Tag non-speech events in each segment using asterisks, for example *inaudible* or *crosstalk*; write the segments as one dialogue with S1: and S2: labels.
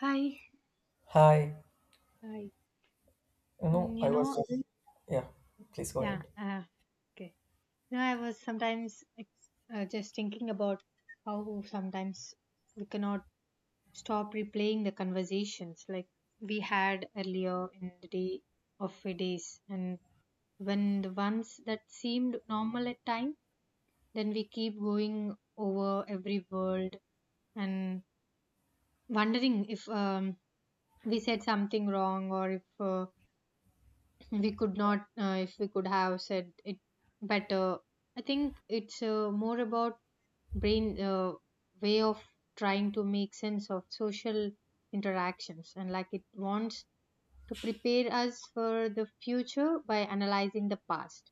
S1: Hi.
S2: Hi,
S1: Hi. Mm,
S2: I was just, yeah, please go
S1: yeah,
S2: ahead.
S1: okay. I was sometimes like, just thinking about how sometimes we cannot stop replaying the conversations like we had earlier in the day of the days. And when the ones that seemed normal at time, then we keep going over every word and wondering if we said something wrong, or if we could not if we could have said it better. I think it's more about brain way of trying to make sense of social interactions, and like it wants to prepare us for the future by analyzing the past.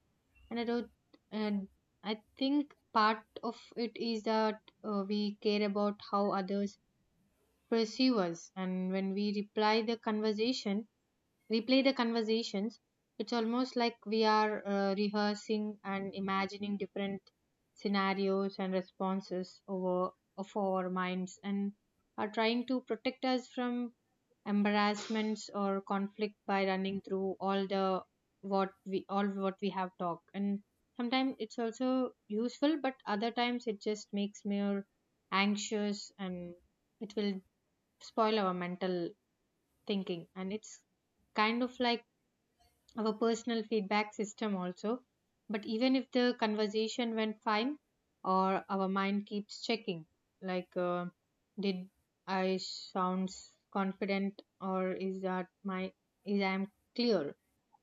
S1: And I don't, and I think part of it is that we care about how others perceive us. And when we reply the conversation replay the conversations, it's almost like we are rehearsing and imagining different scenarios and responses over of our minds, and are trying to protect us from embarrassments or conflict by running through all the what we have talked. And sometimes it's also useful, but other times it just makes me more anxious, and it will spoil our mental thinking, and it's kind of like our personal feedback system also. But even if the conversation went fine, or our mind keeps checking, like, did I sounds confident, or is that my is I am clear?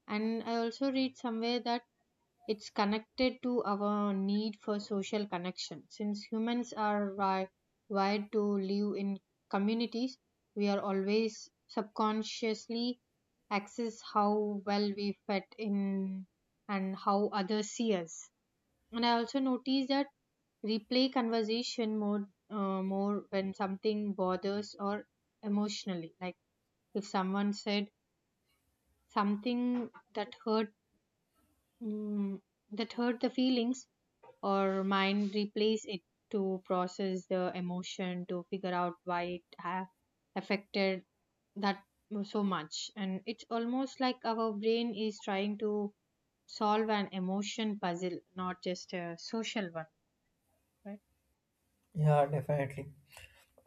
S1: And I also read somewhere that it's connected to our need for social connection. Since humans are wired to live in communities, we are always subconsciously access how well we fit in and how others see us. And I also notice that replay conversation more when something bothers or emotionally. Like if someone said something that hurt mm that hurt the feelings, or mind replays it to process the emotion to figure out why it affected that so much, and it's almost like our brain is trying to solve an emotion puzzle, not just a social one, right?
S2: Yeah, definitely.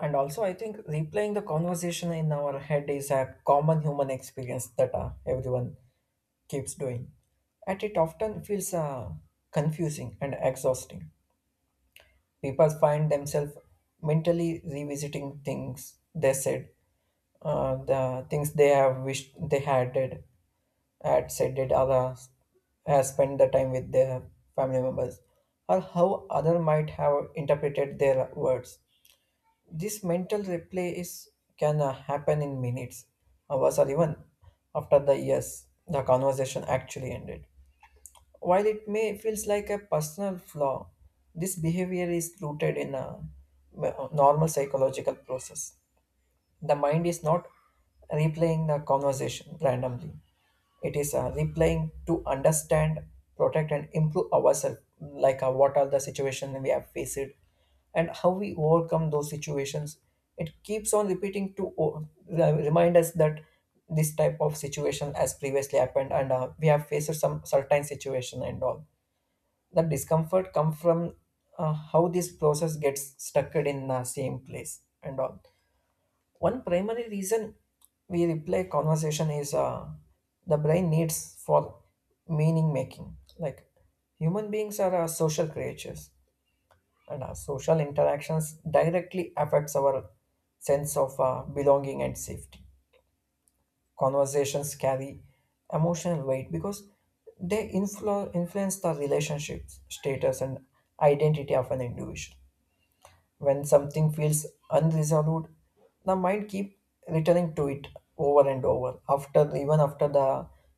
S2: And also, I think replaying the conversation in our head is a common human experience that everyone keeps doing. And it often feels confusing and exhausting. People find themselves mentally revisiting things they said, the things they have wished they had did, had said did others has spent the time with their family members, or how other might have interpreted their words. This mental replay is can happen in minutes, hours, or even after the years the conversation actually ended. While it may feels like a personal flaw, this behavior is rooted in a normal psychological process. The mind is not replaying the conversation randomly. It is replaying to understand, protect, and improve ourselves. Like what are the situations we have faced, and how we overcome those situations. It keeps on repeating to remind us that this type of situation has previously happened, and we have faced some certain situation and all the discomfort come from how this process gets stuck in the same place and all one primary reason we replay conversation is the brain needs for meaning making. Like human beings are social creatures and our social interactions directly affects our sense of belonging and safety. Conversations carry emotional weight because they influence the relationship status and identity of an individual. When something feels unresolved, the mind keep returning to it over and over after, even after the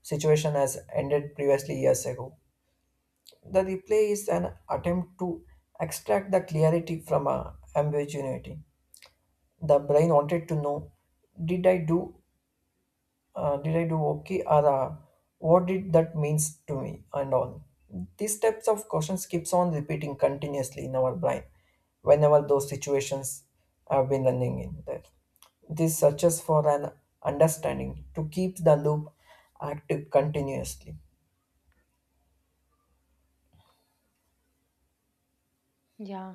S2: situation has ended previously years ago. The replay is an attempt to extract the clarity from a ambiguity. The brain wanted to know, did i do did I do okay, or what did that means to me and all. These types of questions keeps on repeating continuously in our brain whenever those situations have been running in there. This searches for an understanding to keep the loop active continuously.
S1: Yeah.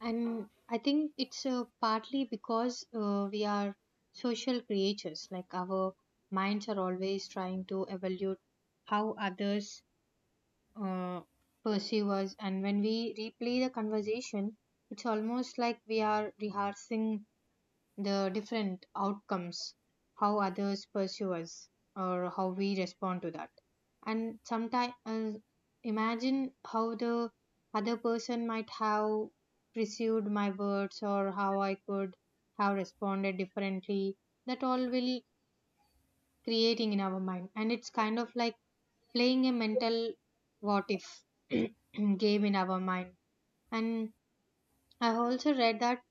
S1: And I think it's partly because we are social creatures, like our minds are always trying to evaluate how others uh, pursue us. And when we replay the conversation, it's almost like we are rehearsing the different outcomes, how others pursue us, or how we respond to that. And sometimes imagine how the other person might have perceived my words, or how I could have responded differently. That all will creating in our mind, and it's kind of like playing a mental what if *clears throat* game in our mind. And I've also read that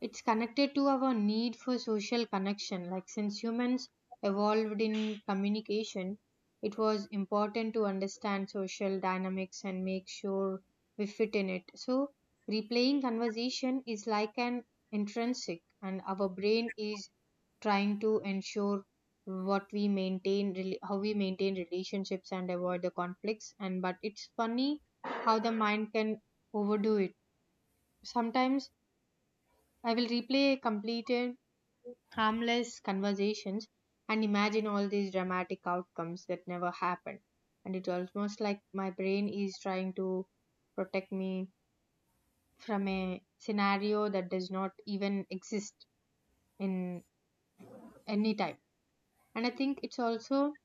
S1: it's connected to our need for social connection. Like, since humans evolved in communication, it was important to understand social dynamics and make sure we fit in it. So, replaying conversation is like an intrinsic, and our brain is trying to ensure what we maintain how we maintain relationships and avoid the conflicts. And but it's funny how the mind can overdo it sometimes. I will replay a completed harmless conversations and imagine all these dramatic outcomes that never happen. And it's almost like my brain is trying to protect me from a scenario that does not even exist in any time. And I think it's also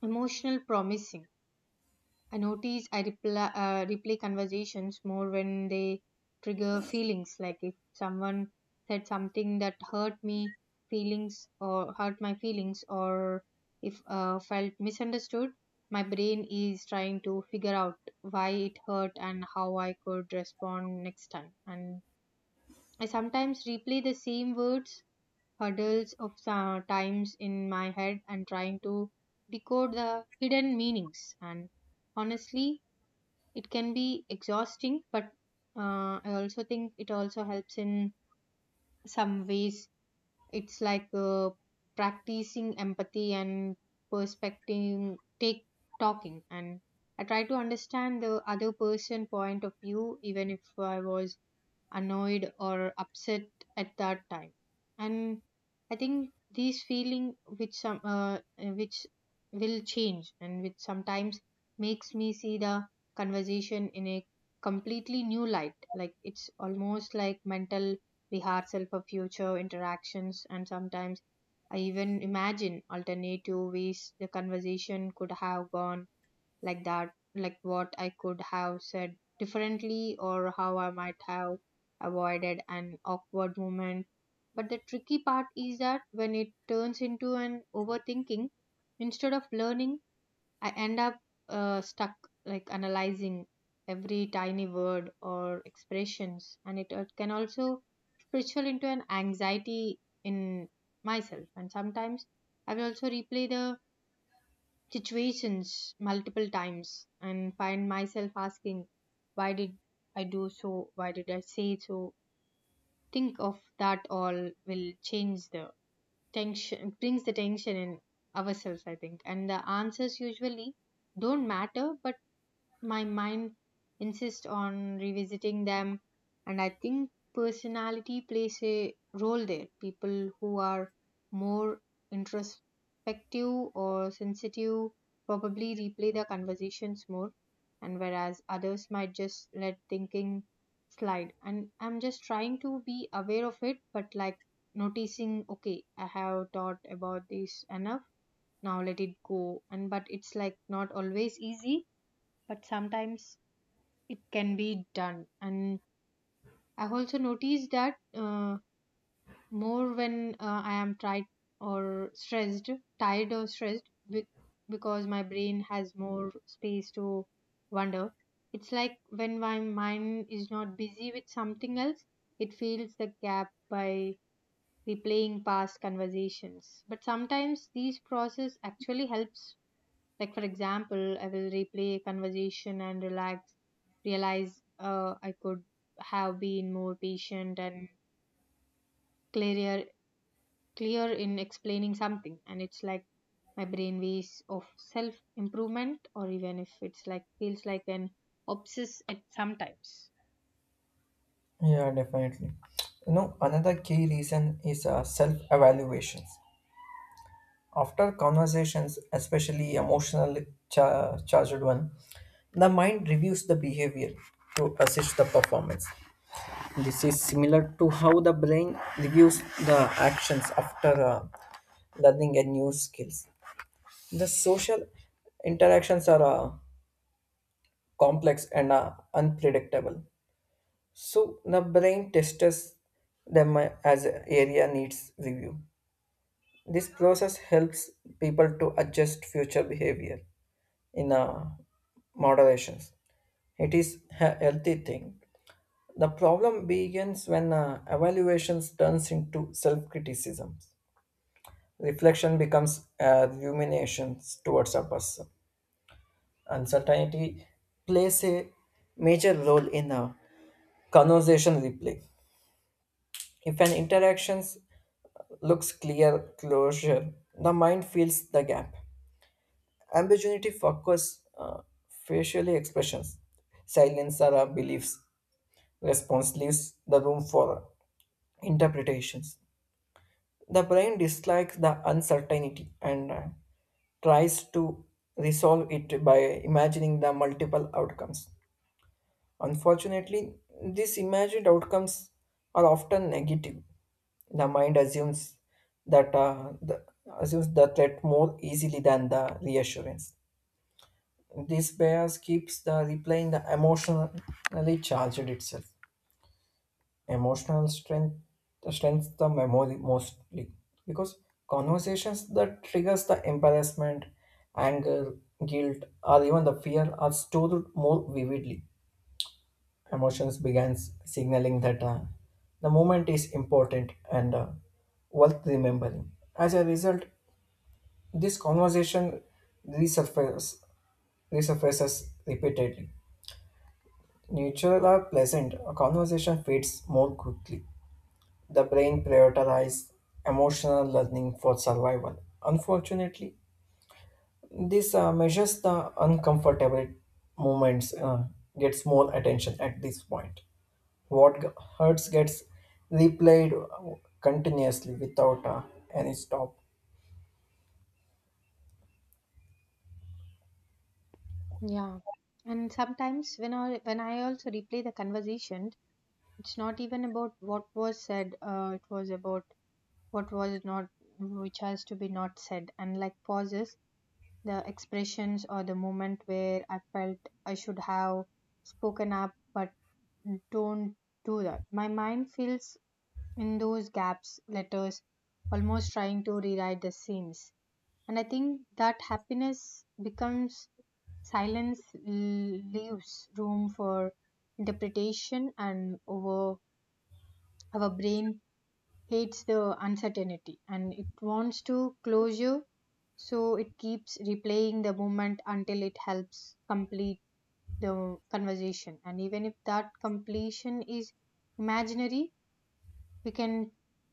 S1: emotional promising. I notice I replay conversations more when they trigger feelings. Like if someone said something that hurt my feelings, or if felt misunderstood, my brain is trying to figure out why it hurt and how I could respond next time. And I sometimes replay the same words hurdles of some times in my head and trying to decode the hidden meanings. And honestly, it can be exhausting, but I also think it also helps in some ways. It's like practicing empathy and perspective take talking, and I try to understand the other person point of view, even if I was annoyed or upset at that time. And I think these feeling which will change, and which sometimes makes me see the conversation in a completely new light, like it's almost like mental rehearsal for future interactions. And sometimes I even imagine alternative ways the conversation could have gone, like that, like what I could have said differently or how I might have avoided an awkward moment. But the tricky part is that when it turns into an overthinking instead of learning, I end up stuck, like analyzing every tiny word or expressions, and it can also spiritual into an anxiety in myself. And sometimes I will also replay the situations multiple times and find myself asking, why did I do so? Why did I say so? Think of that all will change the tension, brings the tension in ourselves, I think. And the answers usually don't matter, but my mind insists on revisiting them. And I think personality plays a role there. People who are more introspective or sensitive probably replay the conversations more, and whereas others might just let thinking slide. And I'm just trying to be aware of it, but like noticing, okay, I have thought about this enough, now let it go. And but it's like not always easy, but sometimes it can be done. And I've also noticed that more when I am or stressed tired or stressed with, because my brain has more space to wander. It's like when my mind is not busy with something else, it fills the gap by replaying past conversations. But sometimes these process actually helps, like, for example, I will replay a conversation and relax, realize I could have been more patient and clearer, clear in explaining something. And it's like my brain ways of self improvement, or even if it's like feels like an obsess at sometimes.
S2: Yeah, definitely. You know, another key reason is self evaluations. After conversations, especially emotionally charged one, the mind reviews the behavior to assess the performance. This is similar to how the brain reviews the actions after learning a new skills. The social interactions are complex and unpredictable, so the brain tests them as area needs review. This process helps people to adjust future behavior. In moderations. It is a healthy thing. The problem begins when evaluations turns into self-criticisms. Reflection becomes ruminations towards a person. Uncertainty plays a major role in a conversation replay. If an interaction looks clear closure, the mind fills the gap. Ambiguity focus facial expressions, silence are our beliefs, response leaves the room for interpretations. The brain dislikes the uncertainty and tries to resolve it by imagining the multiple outcomes. Unfortunately, these imagined outcomes are often negative. The mind assumes that uh, the, assumes the threat more easily than the reassurance. This bias keeps the replaying the emotionally charged itself. Emotional strength strengths the memory mostly because conversations that triggers the embarrassment, anger, guilt, or even the fear are stored more vividly. Emotions begins signaling that the moment is important and worth remembering. As a result, this conversation resurfaces, resurfaces repeatedly. Neutral or pleasant, a conversation fades more quickly. The brain prioritizes emotional learning for survival. Unfortunately, this measures the uncomfortable moments gets more attention at this point. What hurts gets replayed continuously without any stop.
S1: Yeah. And sometimes when I also replay the conversation, it's not even about what was said. It was about what was not, which has to be not said. And like pauses, the expressions, or the moment where I felt I should have spoken up, but don't do that. My mind fills in those gaps, letters, almost trying to rewrite the seams. And I think that happiness becomes silence, leaves room for interpretation, and over our brain hates the uncertainty, and it wants to closure, so it keeps replaying the moment until it helps complete the conversation. And even if that completion is imaginary, we can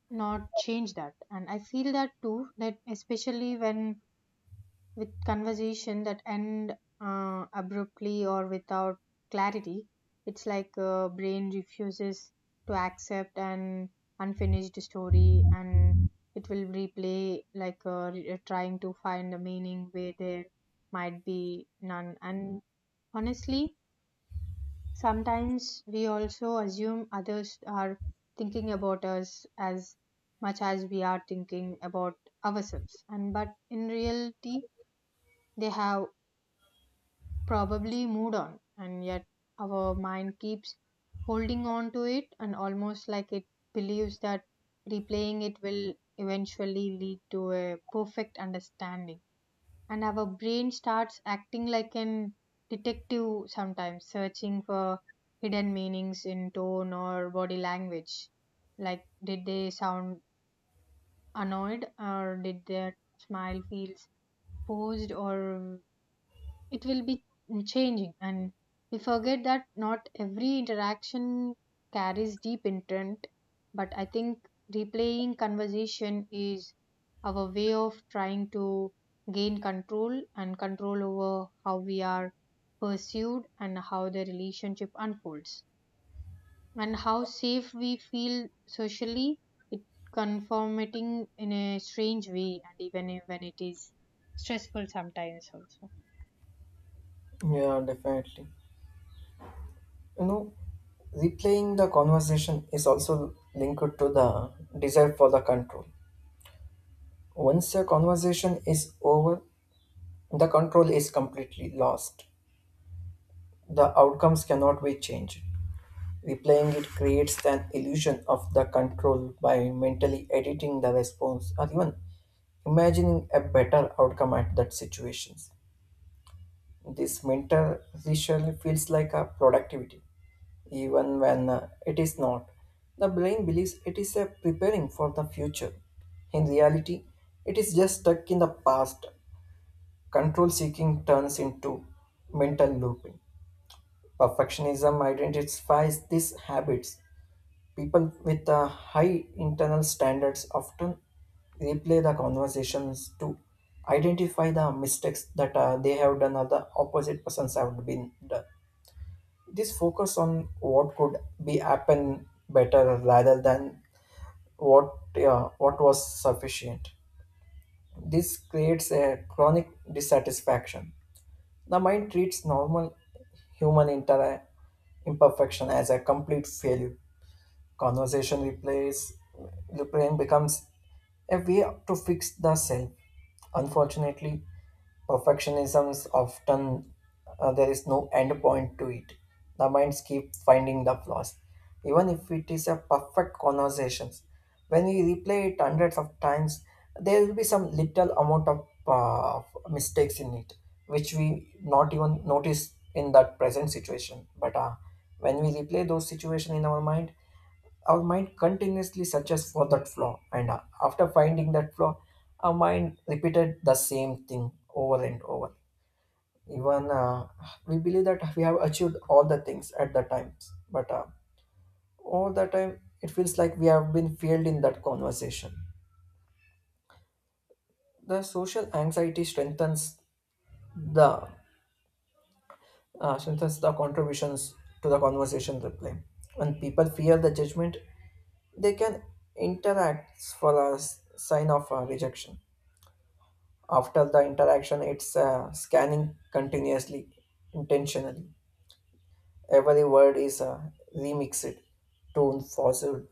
S1: not change that. And I feel that too, that especially when with conversation that end abruptly or without clarity. It's like brain refuses to accept an unfinished story, and it will replay, like trying to find a meaning where there might be none. And honestly, sometimes we also assume others are thinking about us as much as we are thinking about ourselves, and but in reality they have probably moved on, and yet our mind keeps holding on to it, and almost like it believes that replaying it will eventually lead to a perfect understanding. And our brain starts acting like an detective sometimes, searching for hidden meanings in tone or body language. Like, did they sound annoyed, or did their smile feels forced, or it will be changing, and we forget that not every interaction carries deep intent. But I think replaying conversation is our way of trying to gain control, and control over how we are pursued and how the relationship unfolds and how safe we feel socially. It conforming in a strange way, and even when it is stressful sometimes also.
S2: Yeah, definitely. You know, replaying the conversation is also linked to the desire for the control. Once a conversation is over, the control is completely lost. The outcomes cannot be changed. Replaying it creates an illusion of the control by mentally editing the response or even imagining a better outcome at that situations. This mental ritual feels like a productivity, even when it is not. The brain believes it is a preparing for the future. In reality, it is just stuck in the past. Control seeking turns into mental looping. Perfectionism identifies these habits. People with high internal standards often replay the conversations to identify the mistakes that they have done or the opposite persons have been done. This focus on what could be happen better rather than what what was sufficient. This creates a chronic dissatisfaction. The mind treats normal human imperfection as a complete failure. Conversation replace Replaying becomes a way to fix the self. Unfortunately, perfectionism is often there is no end point to it. The minds keep finding the flaws, even if it is a perfect conversation. When we replay it hundreds of times, there will be some little amount of mistakes in it, which we not even notice in that present situation. But when we replay those situations in our mind continuously searches for that flaw, and after finding that flaw, our mind repeated the same thing over and over. Even we believe that we have achieved all the things at the times, but all the time it feels like we have been failed in that conversation. The social anxiety the strengthens the contributions to the conversation reply. When people fear the judgment, they can interact for a sign of rejection. After the interaction, it's scanning continuously, intentionally. Every word is remixed, tone falsehood,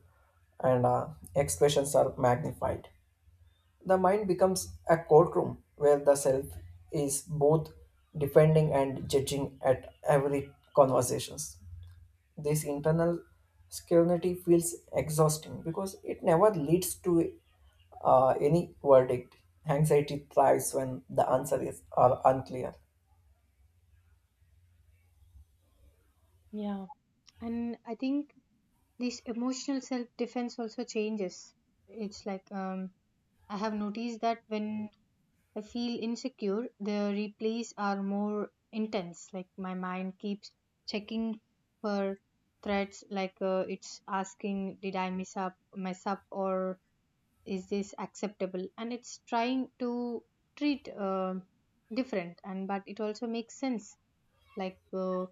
S2: and expressions are magnified. The mind becomes a courtroom where the self is both defending and judging at every conversations. This internal scrutiny feels exhausting because it never leads to any verdict. Anxiety thrives when the answer is are unclear.
S1: Yeah. And I think this emotional self defense also changes. It's like I have noticed that when I feel insecure, the replays are more intense, like my mind keeps checking for threats, like it's asking, did I miss up mess up, or is this acceptable? And it's trying to treat different. And but it also makes sense, like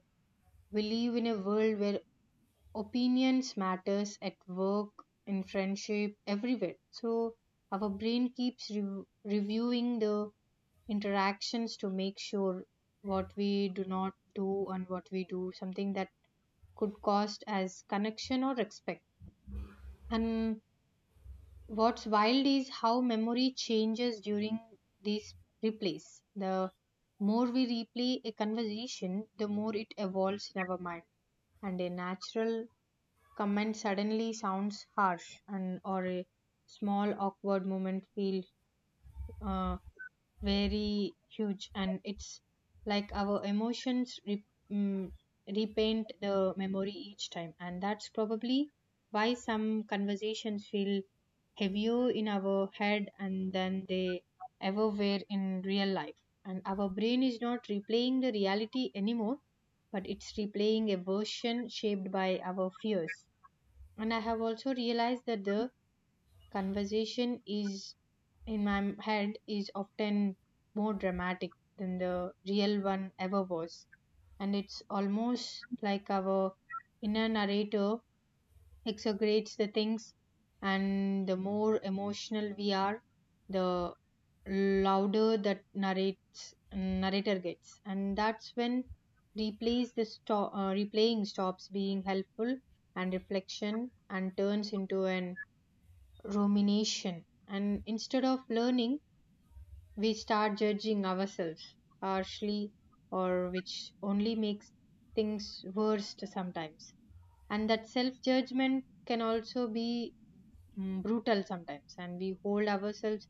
S1: we live in a world where opinions matters at work in friendship everywhere, so our brain keeps reviewing the interactions to make sure what we do not do and what we do something that could cost as connection or respect. And what's wild is how memory changes during these replays. The more we replay a conversation, the more it evolves in our mind, and a natural comment suddenly sounds harsh and, or a small awkward moment feels uh, very huge, and it's like our emotions mm, repaint the memory each time. And that's probably why some conversations feel heavier in our head and than they ever were in real life, and our brain is not replaying the reality anymore, but it's replaying a version shaped by our fears. And I have also realized that the conversation is in my head is often more dramatic than the real one ever was. And it's almost like our inner narrator exaggerates the things, and the more emotional we are, the louder that narrates narrator gets. And that's when replaying stops being helpful and reflection and turns into an rumination. And instead of learning, we start judging ourselves harshly, or which only makes things worse sometimes. And that self judgment can also be brutal sometimes, and we hold ourselves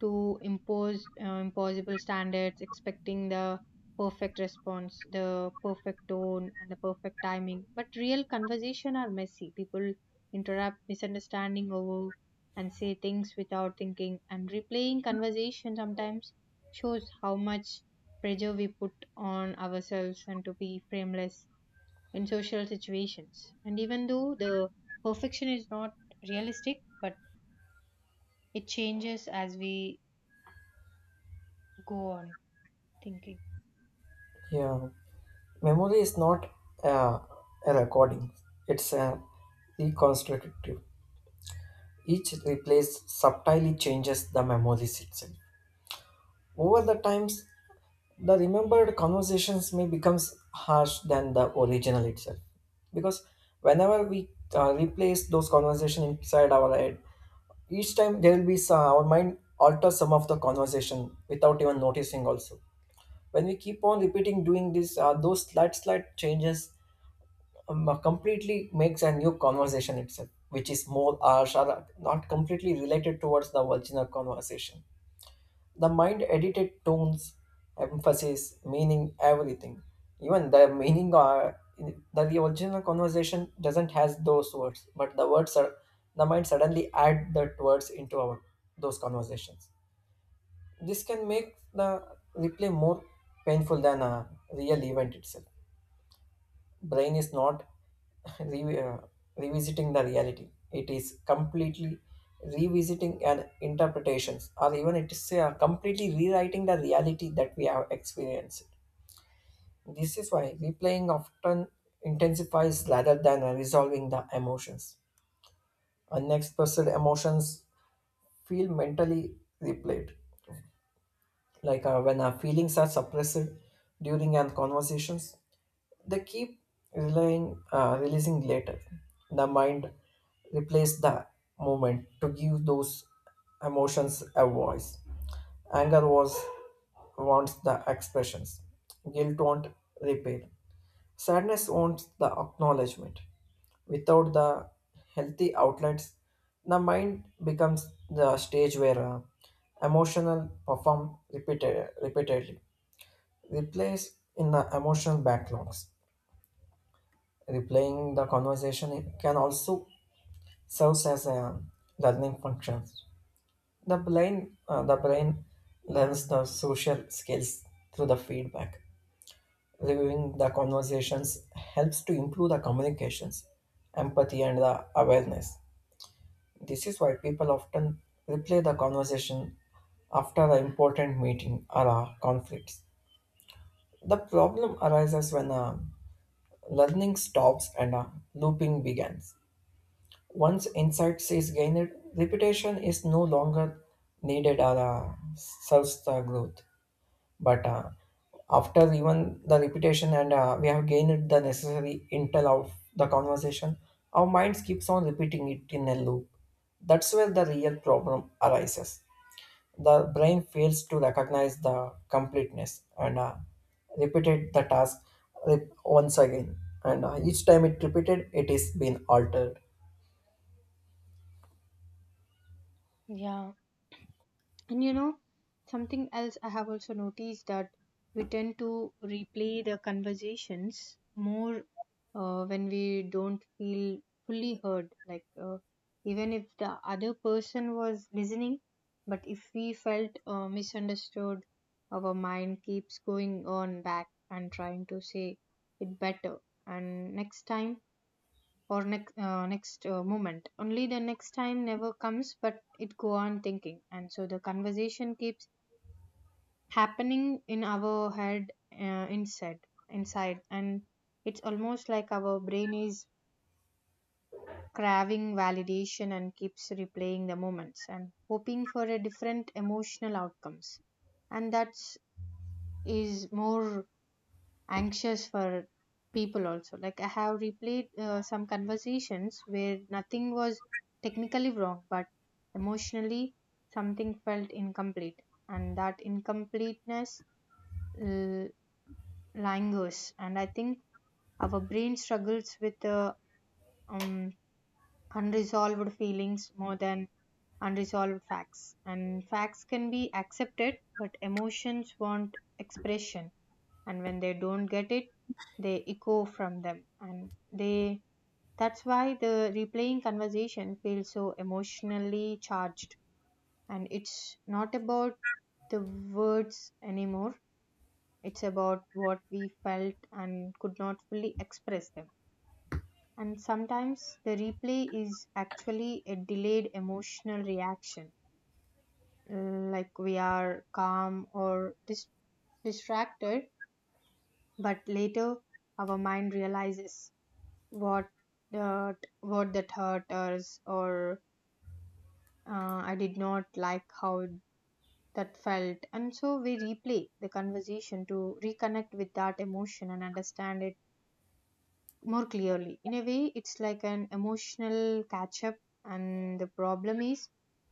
S1: to impose impossible standards, expecting the perfect response, the perfect tone, and the perfect timing. But real conversation are messy, people interrupt, misunderstanding over, and say things without thinking. And replaying conversation sometimes shows how much pressure we put on ourselves and to be frameless in social situations. And even though the perfection is not realistic, but it changes as we go on thinking.
S2: Yeah, memory is not uh, a recording; it's a reconstructive. Each replace subtly changes the memories itself. Over the times, the remembered conversations may become harsh than the original itself because whenever we replace those conversations inside our head, each time there will be some, our mind alters some of the conversation without even noticing also. When we keep on repeating doing this, those slight slight changes, completely makes a new conversation itself, which is more harsh or not completely related towards the original conversation. The mind edited tones, emphasis, meaning, everything. Even the meaning are that the original conversation doesn't has those words, but the words are the mind suddenly add that words into our those conversations. This can make the replay more painful than a real event itself. Brain is not *laughs* re- uh, revisiting the reality. It is completely revisiting and interpretations, or even it is completely rewriting the reality that we have experienced. This is why replaying often intensifies rather than resolving the emotions. Unexpressed emotions feel mentally replayed. Like when our feelings are suppressed during our conversations, they keep relying releasing later. The mind replaces the moment to give those emotions a voice. Anger was wants the expressions, guilt want repair, sadness wants the acknowledgement. Without the healthy outlets, the mind becomes the stage where emotional perform repeated, repeatedly. Replace in the emotional backlogs. Replaying the conversation can also serves as a learning function. The brain learns the social skills through the feedback. Reviewing the conversations helps to improve the communications, empathy, and the awareness. This is why people often replay the conversation after an important meeting or a conflict. The problem arises when learning stops and looping begins. Once insight is gained, repetition is no longer needed or serves the growth. But after even the repetition, and we have gained the necessary intel of the conversation, our minds keeps on repeating it in a loop. That's where the real problem arises. The brain fails to recognize the completeness and repeated the task once again, and each time it repeated it is being altered.
S1: Yeah. And you know, something else I have also noticed that we tend to replay the conversations more when we don't feel fully heard. Like, even if the other person was listening, but if we felt misunderstood, our mind keeps going on back and trying to say it better. And next time, or next next moment only, the next time never comes, but it go on thinking, and so the conversation keeps happening in our head, inside inside. And it's almost like our brain is craving validation and keeps replaying the moments and hoping for a different emotional outcomes. And that's is more anxious for people also. Like, I have replayed some conversations where nothing was technically wrong, but emotionally something felt incomplete. And that incompleteness l- lingers. And I think our brain struggles with um, unresolved feelings more than unresolved facts. And facts can be accepted, but emotions want expression, and when they don't get it, they echo from them, and they that's why the replaying conversation feels so emotionally charged. And it's not about the words anymore. It's about what we felt and could not fully express them. And sometimes the replay is actually a delayed emotional reaction. Like, we are calm or distracted, but later our mind realizes what what that hurt us, or I did not like how that felt. And so we replay the conversation to reconnect with that emotion and understand it more clearly. In a way, it's like an emotional catch up. And the problem is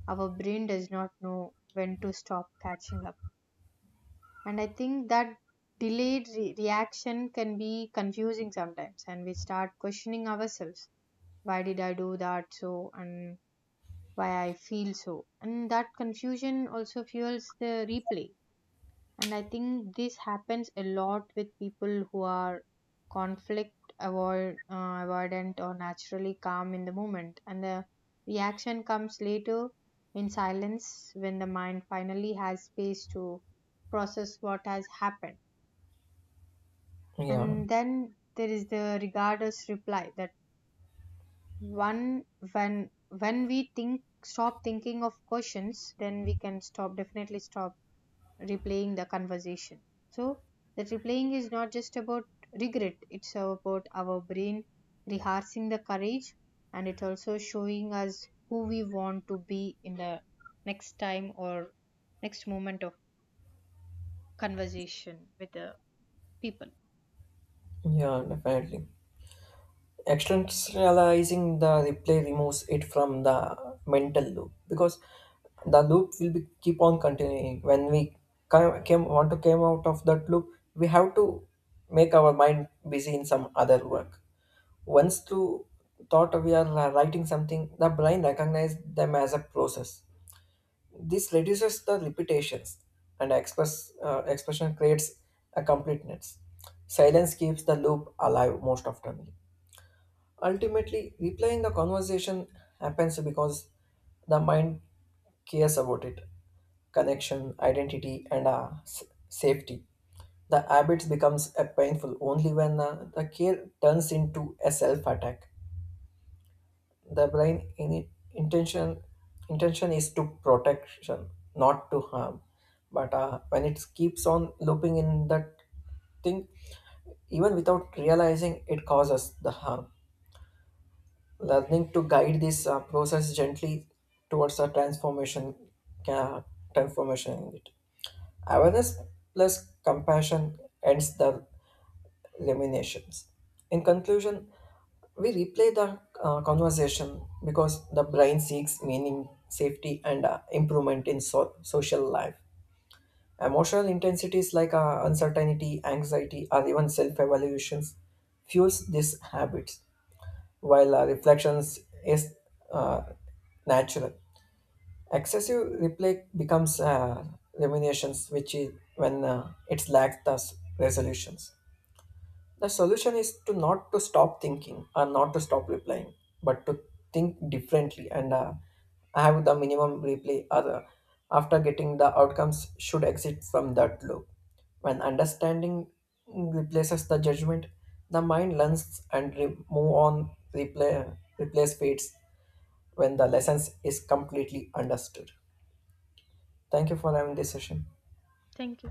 S1: our brain does not know when to stop catching up. And I think that reaction can be confusing sometimes, and we start questioning ourselves, why did I do that so, and why I feel so. And that confusion also fuels the replay. And I think this happens a lot with people who are conflict avoidant or naturally calm in the moment. And the reaction comes later in silence, when the mind finally has space to process what has happened.
S2: Yeah,
S1: And then there is the regardless reply, that one, when we think stop thinking of questions, then we can stop definitely stop replaying the conversation. So that replaying is not just about regret. It's about our brain rehearsing the courage, and it also showing us who we want to be in the next time or next moment of conversation with the people.
S2: yeah, definitely. Externalizing the replay removes it from the mental loop because the loop will be keep on continuing. When we want to come out of that loop, we have to make our mind busy in some other work. Once through thought we are writing something, the brain recognizes them as a process. This reduces the repetitions, and express expression creates a completeness. Silence keeps the loop alive most often. Ultimately, replaying the conversation happens because the mind cares about it: connection, identity, and safety. The habits becomes a painful only when the care turns into a self attack. The brain in intention intention is to protection, not to harm. But when it keeps on looping in that thing, even without realizing, it causes the harm. Learning to guide this process gently towards a transformation, uh, transformation in it. Awareness plus compassion ends the eliminations. In conclusion, we replay the conversation because the brain seeks meaning, safety, and improvement in social life. Emotional intensities like uncertainty, anxiety, or even self-evaluations fuels these habits. While reflections is uh, natural. Excessive replay becomes ruminations, which is when it lacks the resolutions. The solution is to not to stop thinking and not to stop replying, but to think differently and have the minimum replay. Other after getting the outcomes should exit from that loop. When understanding replaces the judgment, the mind learns and move on. Replay replace Fates when the lessons is completely understood. Thank you for having this session.
S1: Thank you.